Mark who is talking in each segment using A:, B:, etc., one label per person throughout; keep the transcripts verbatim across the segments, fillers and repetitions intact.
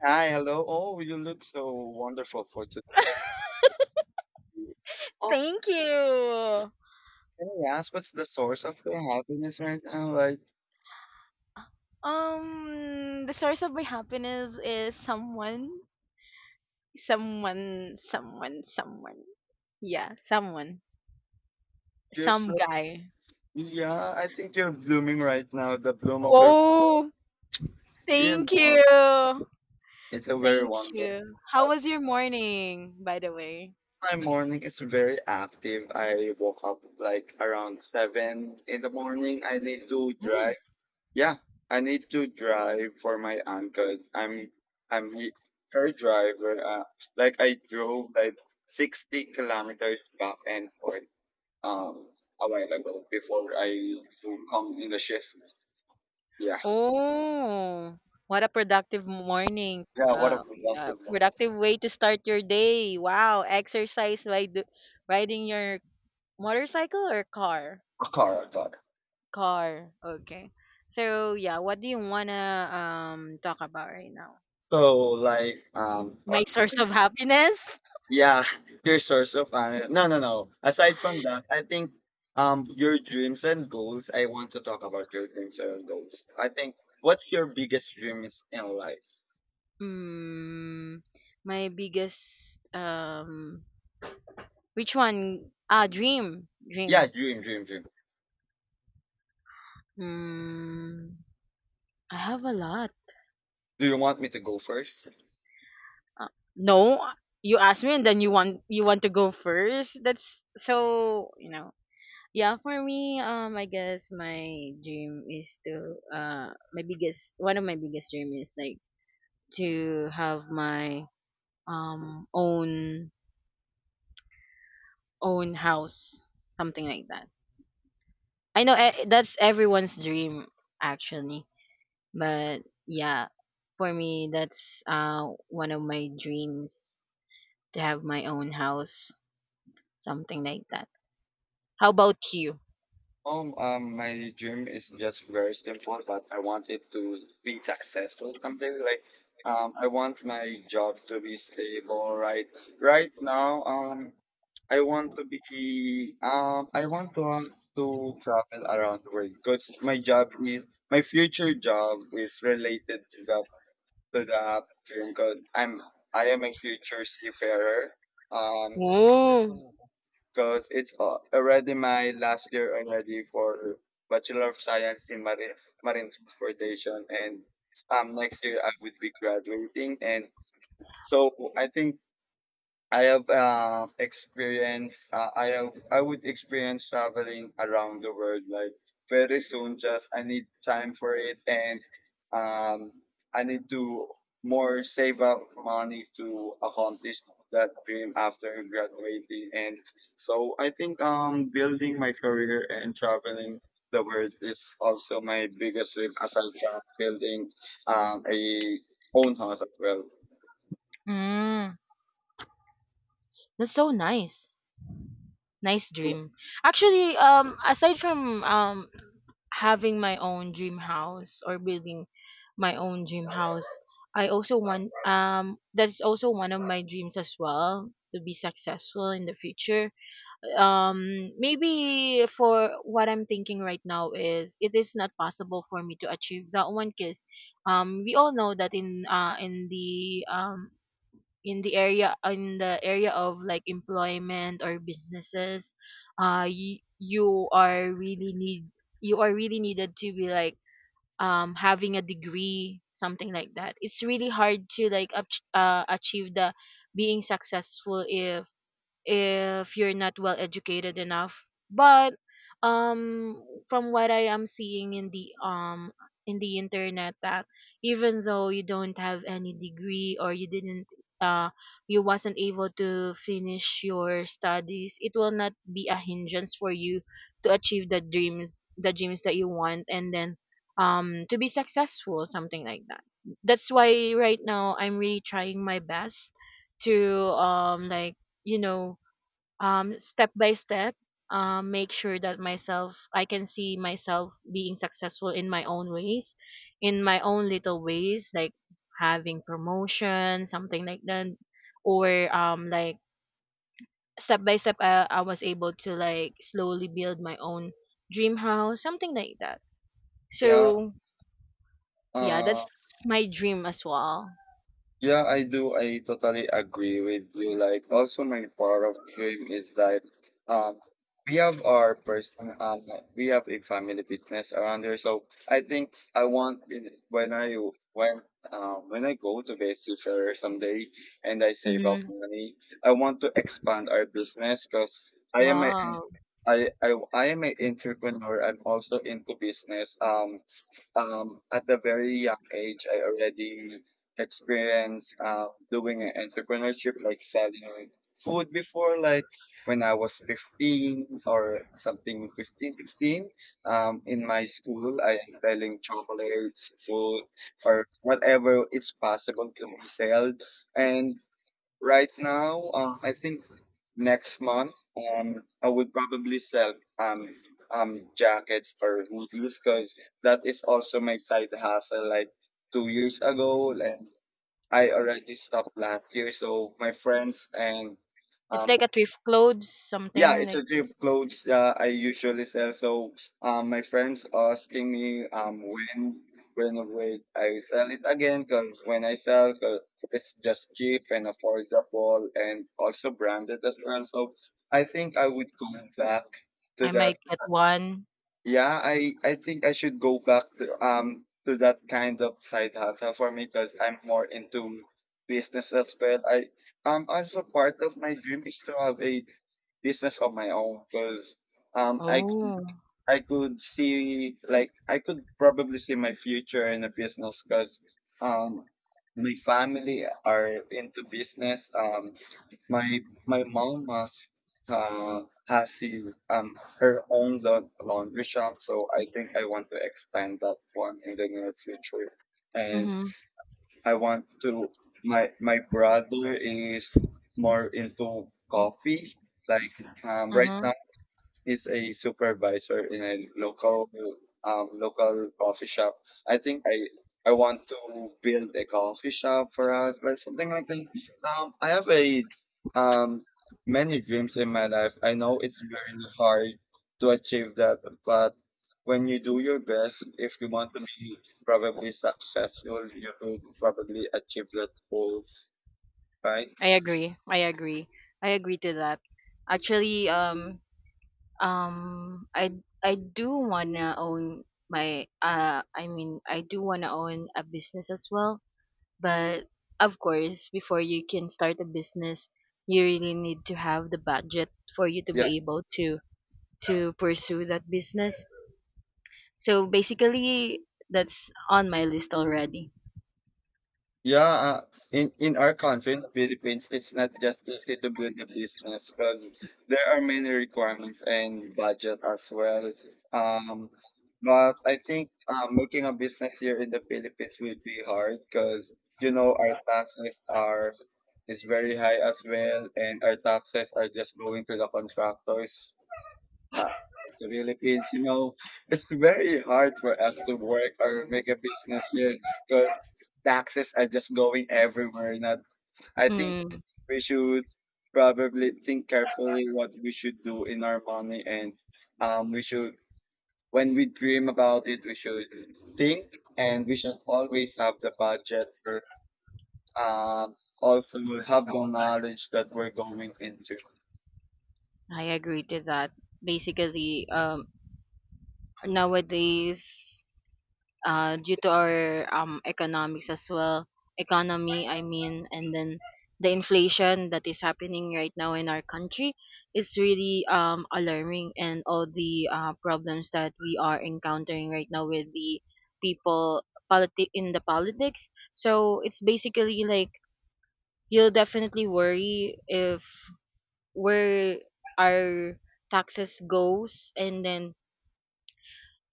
A: Hi, hello. Oh, you look so wonderful for today. Oh,
B: Thank you.
A: can I ask what's the source of your happiness right now? Like,
B: Um, the source of my happiness is someone, someone, someone, someone. Yeah, someone,
A: you're
B: some
A: so,
B: guy.
A: yeah, I think you're blooming right now, the bloom of your,
B: Oh,
A: you
B: thank
A: know,
B: you,
A: it's a very
B: thank
A: wonderful.
B: you. How was your morning, by the way?
A: My morning is very active. I woke up like around seven in the morning. I did do
B: Hmm.
A: drive. Yeah, I need to drive for my aunt, because i 'cause I'm I'm he, her driver. Uh, like I drove like sixty kilometers back and forth um a while ago before I to come in the shift. Yeah,
B: Oh, what a productive morning.
A: yeah. What
B: Uh,
A: have we got?
B: uh, productive way to start your day. Wow, exercise by do- riding your motorcycle or car.
A: A car, a car.
B: Car. Okay. So yeah, what do you wanna um talk about right now?
A: So, like, um
B: My source of happiness?
A: Yeah, your source of uh, no, no, no. Aside from that, I think um your dreams and goals. I want to talk about your dreams and goals. I think, what's your biggest dreams in life?
B: Mm, my biggest um which one? Ah, dream.
A: Yeah,
B: Dream.
A: dream, dream, dream.
B: Mm, I have a lot.
A: Do you want me to go first?
B: Uh, no, you ask me and then you want you want to go first. That's so, you know. Yeah, for me, um I guess my dream is to uh my biggest one of my biggest dream is like to have my um own own house, something like that. I know eh, that's everyone's dream actually, but yeah, for me that's uh one of my dreams to have my own house, something like that. How about you?
A: Um, um, my dream is just very simple, but I want it to be successful. Something like, um, I want my job to be stable. Right, right now, um, I want to be um I want to um, to travel around the world because my job is my future job is related to that to that dream because I'm I am a future seafarer um
B: Whoa.
A: because it's uh, already my last year already for Bachelor of Science in Marine Marine Transportation, and um next year I would be graduating. And so I think I have uh, experienced. Uh, I have. I would experience traveling around the world like very soon. Just I need time for it, and um, I need to more save up money to accomplish that dream after graduating. And so I think, um, building my career and traveling the world is also my biggest dream aside from building um, a own house as well.
B: Mm, that's so nice. Nice dream. Actually, um, aside from um having my own dream house or building my own dream house, I also want um that's also one of my dreams as well to be successful in the future. Um, maybe for what I'm thinking right now is it is not possible for me to achieve that one because um we all know that in uh in the um in the area in the area of like employment or businesses uh y- you are really need you are really needed to be like um having a degree, something like that. It's really hard to like ach- uh, achieve the being successful if if you're not well educated enough, but um from what I am seeing in the um in the internet, that even though you don't have any degree or you didn't uh you wasn't able to finish your studies, it will not be a hindrance for you to achieve the dreams the dreams that you want. And then um to be successful, something like that. That's why right now I'm really trying my best to um like you know um, step by step, um, make sure that myself, I can see myself being successful in my own ways, in my own little ways, like having promotion, something like that, or um, like step by step, I, I was able to like slowly build my own dream house, something like that.
A: Yeah.
B: So yeah, that's
A: uh,
B: my dream as well.
A: Yeah, I do. I totally agree with you. Like, also my part of dream is like, um, we have our person, um, we have a family business around here. So I think I want in- when I when um when I go to Vancouver someday, and I save up
B: Mm,
A: money. I want to expand our business because I am a
B: wow.
A: I I I am an entrepreneur. I'm also into business. Um, um, at a very young age, I already experienced uh, doing an entrepreneurship, like selling food before, like when I was fifteen or something, fifteen, sixteen. Um, in my school, I am selling chocolates, food, or whatever it's possible to be sold. And right now, uh, I think next month, um, I would probably sell um um jackets or hoodies because that is also my side hustle. Like two years ago, like I already stopped last year, so my friends and
B: It's
A: um
B: like a thrift clothes,
A: yeah,
B: something
A: it's
B: like
A: a
B: that.
A: thrift clothes uh, I usually sell. So, um, my friends asking me um when when wait I sell it again, because when I sell 'cause it's just cheap and affordable, and also branded as well. So I think I would go back to
B: I
A: that.
B: might get one.
A: Yeah, I I think I should go back to um to that kind of side hustle for me because I'm more into business as well. I um also, part of my dream is to have a business of my own because um I
B: Oh.
A: I could see, like, I could probably see my future in a business because um my family are into business. Um my my mom has uh has his, um her own laun- laundry shop, so I think I want to expand that one in the near future. And
B: Mm-hmm.
A: I want to. My my brother is more into coffee, like, um, right
B: Mm-hmm.
A: is a supervisor in a local um, local coffee shop. I think I I want to build a coffee shop for us, but something like that. Um, I have a um many dreams in my life. I know it's very hard to achieve that, but when you do your best, if you want to be probably successful, you will probably achieve that goal, right?
B: I agree. I agree. I agree to that. Actually, um, um, I I do wanna own my uh, I mean, I do wanna own a business as well. But of course, before you can start a business, you really need to have the budget for you to
A: Yeah,
B: be able to to pursue that business. So basically, that's on my list already.
A: yeah, uh, in in our country, in the Philippines, it's not just easy to build a business because there are many requirements and budget as well. Um, but I think, uh, making a business here in the Philippines would be hard because you know our taxes are is very high as well, and our taxes are just going to the contractors, uh, the Philippines, you know, it's very hard for us to work or make a business here because taxes are just going everywhere. Not, I think
B: Mm,
A: we should probably think carefully what we should do in our money, and um, we should when we dream about it, we should think, and we should always have the budget, or um, also have the knowledge that we're going into.
B: I agree to that. Basically, um, nowadays uh, due to our um, economics as well economy, I mean, and then the inflation that is happening right now in our country is really um, alarming, and all the uh, problems that we are encountering right now with the people, politi- in the politics, so it's basically like you'll definitely worry if where our taxes goes, and then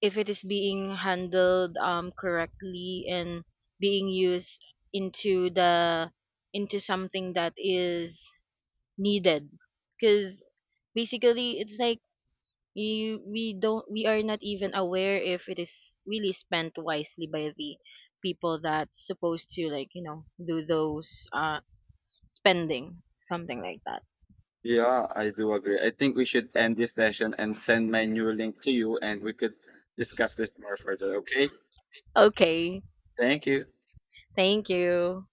B: if it is being handled um, correctly and being used into the into something that is needed, because basically it's like you we don't, we are not even aware if it is really spent wisely by the people that's supposed to like you know do those uh spending, something like that.
A: Yeah, I do agree. I think we should end this session and send my new link to you, and we could discuss this more further. Okay.
B: Okay,
A: Thank you.
B: thank you.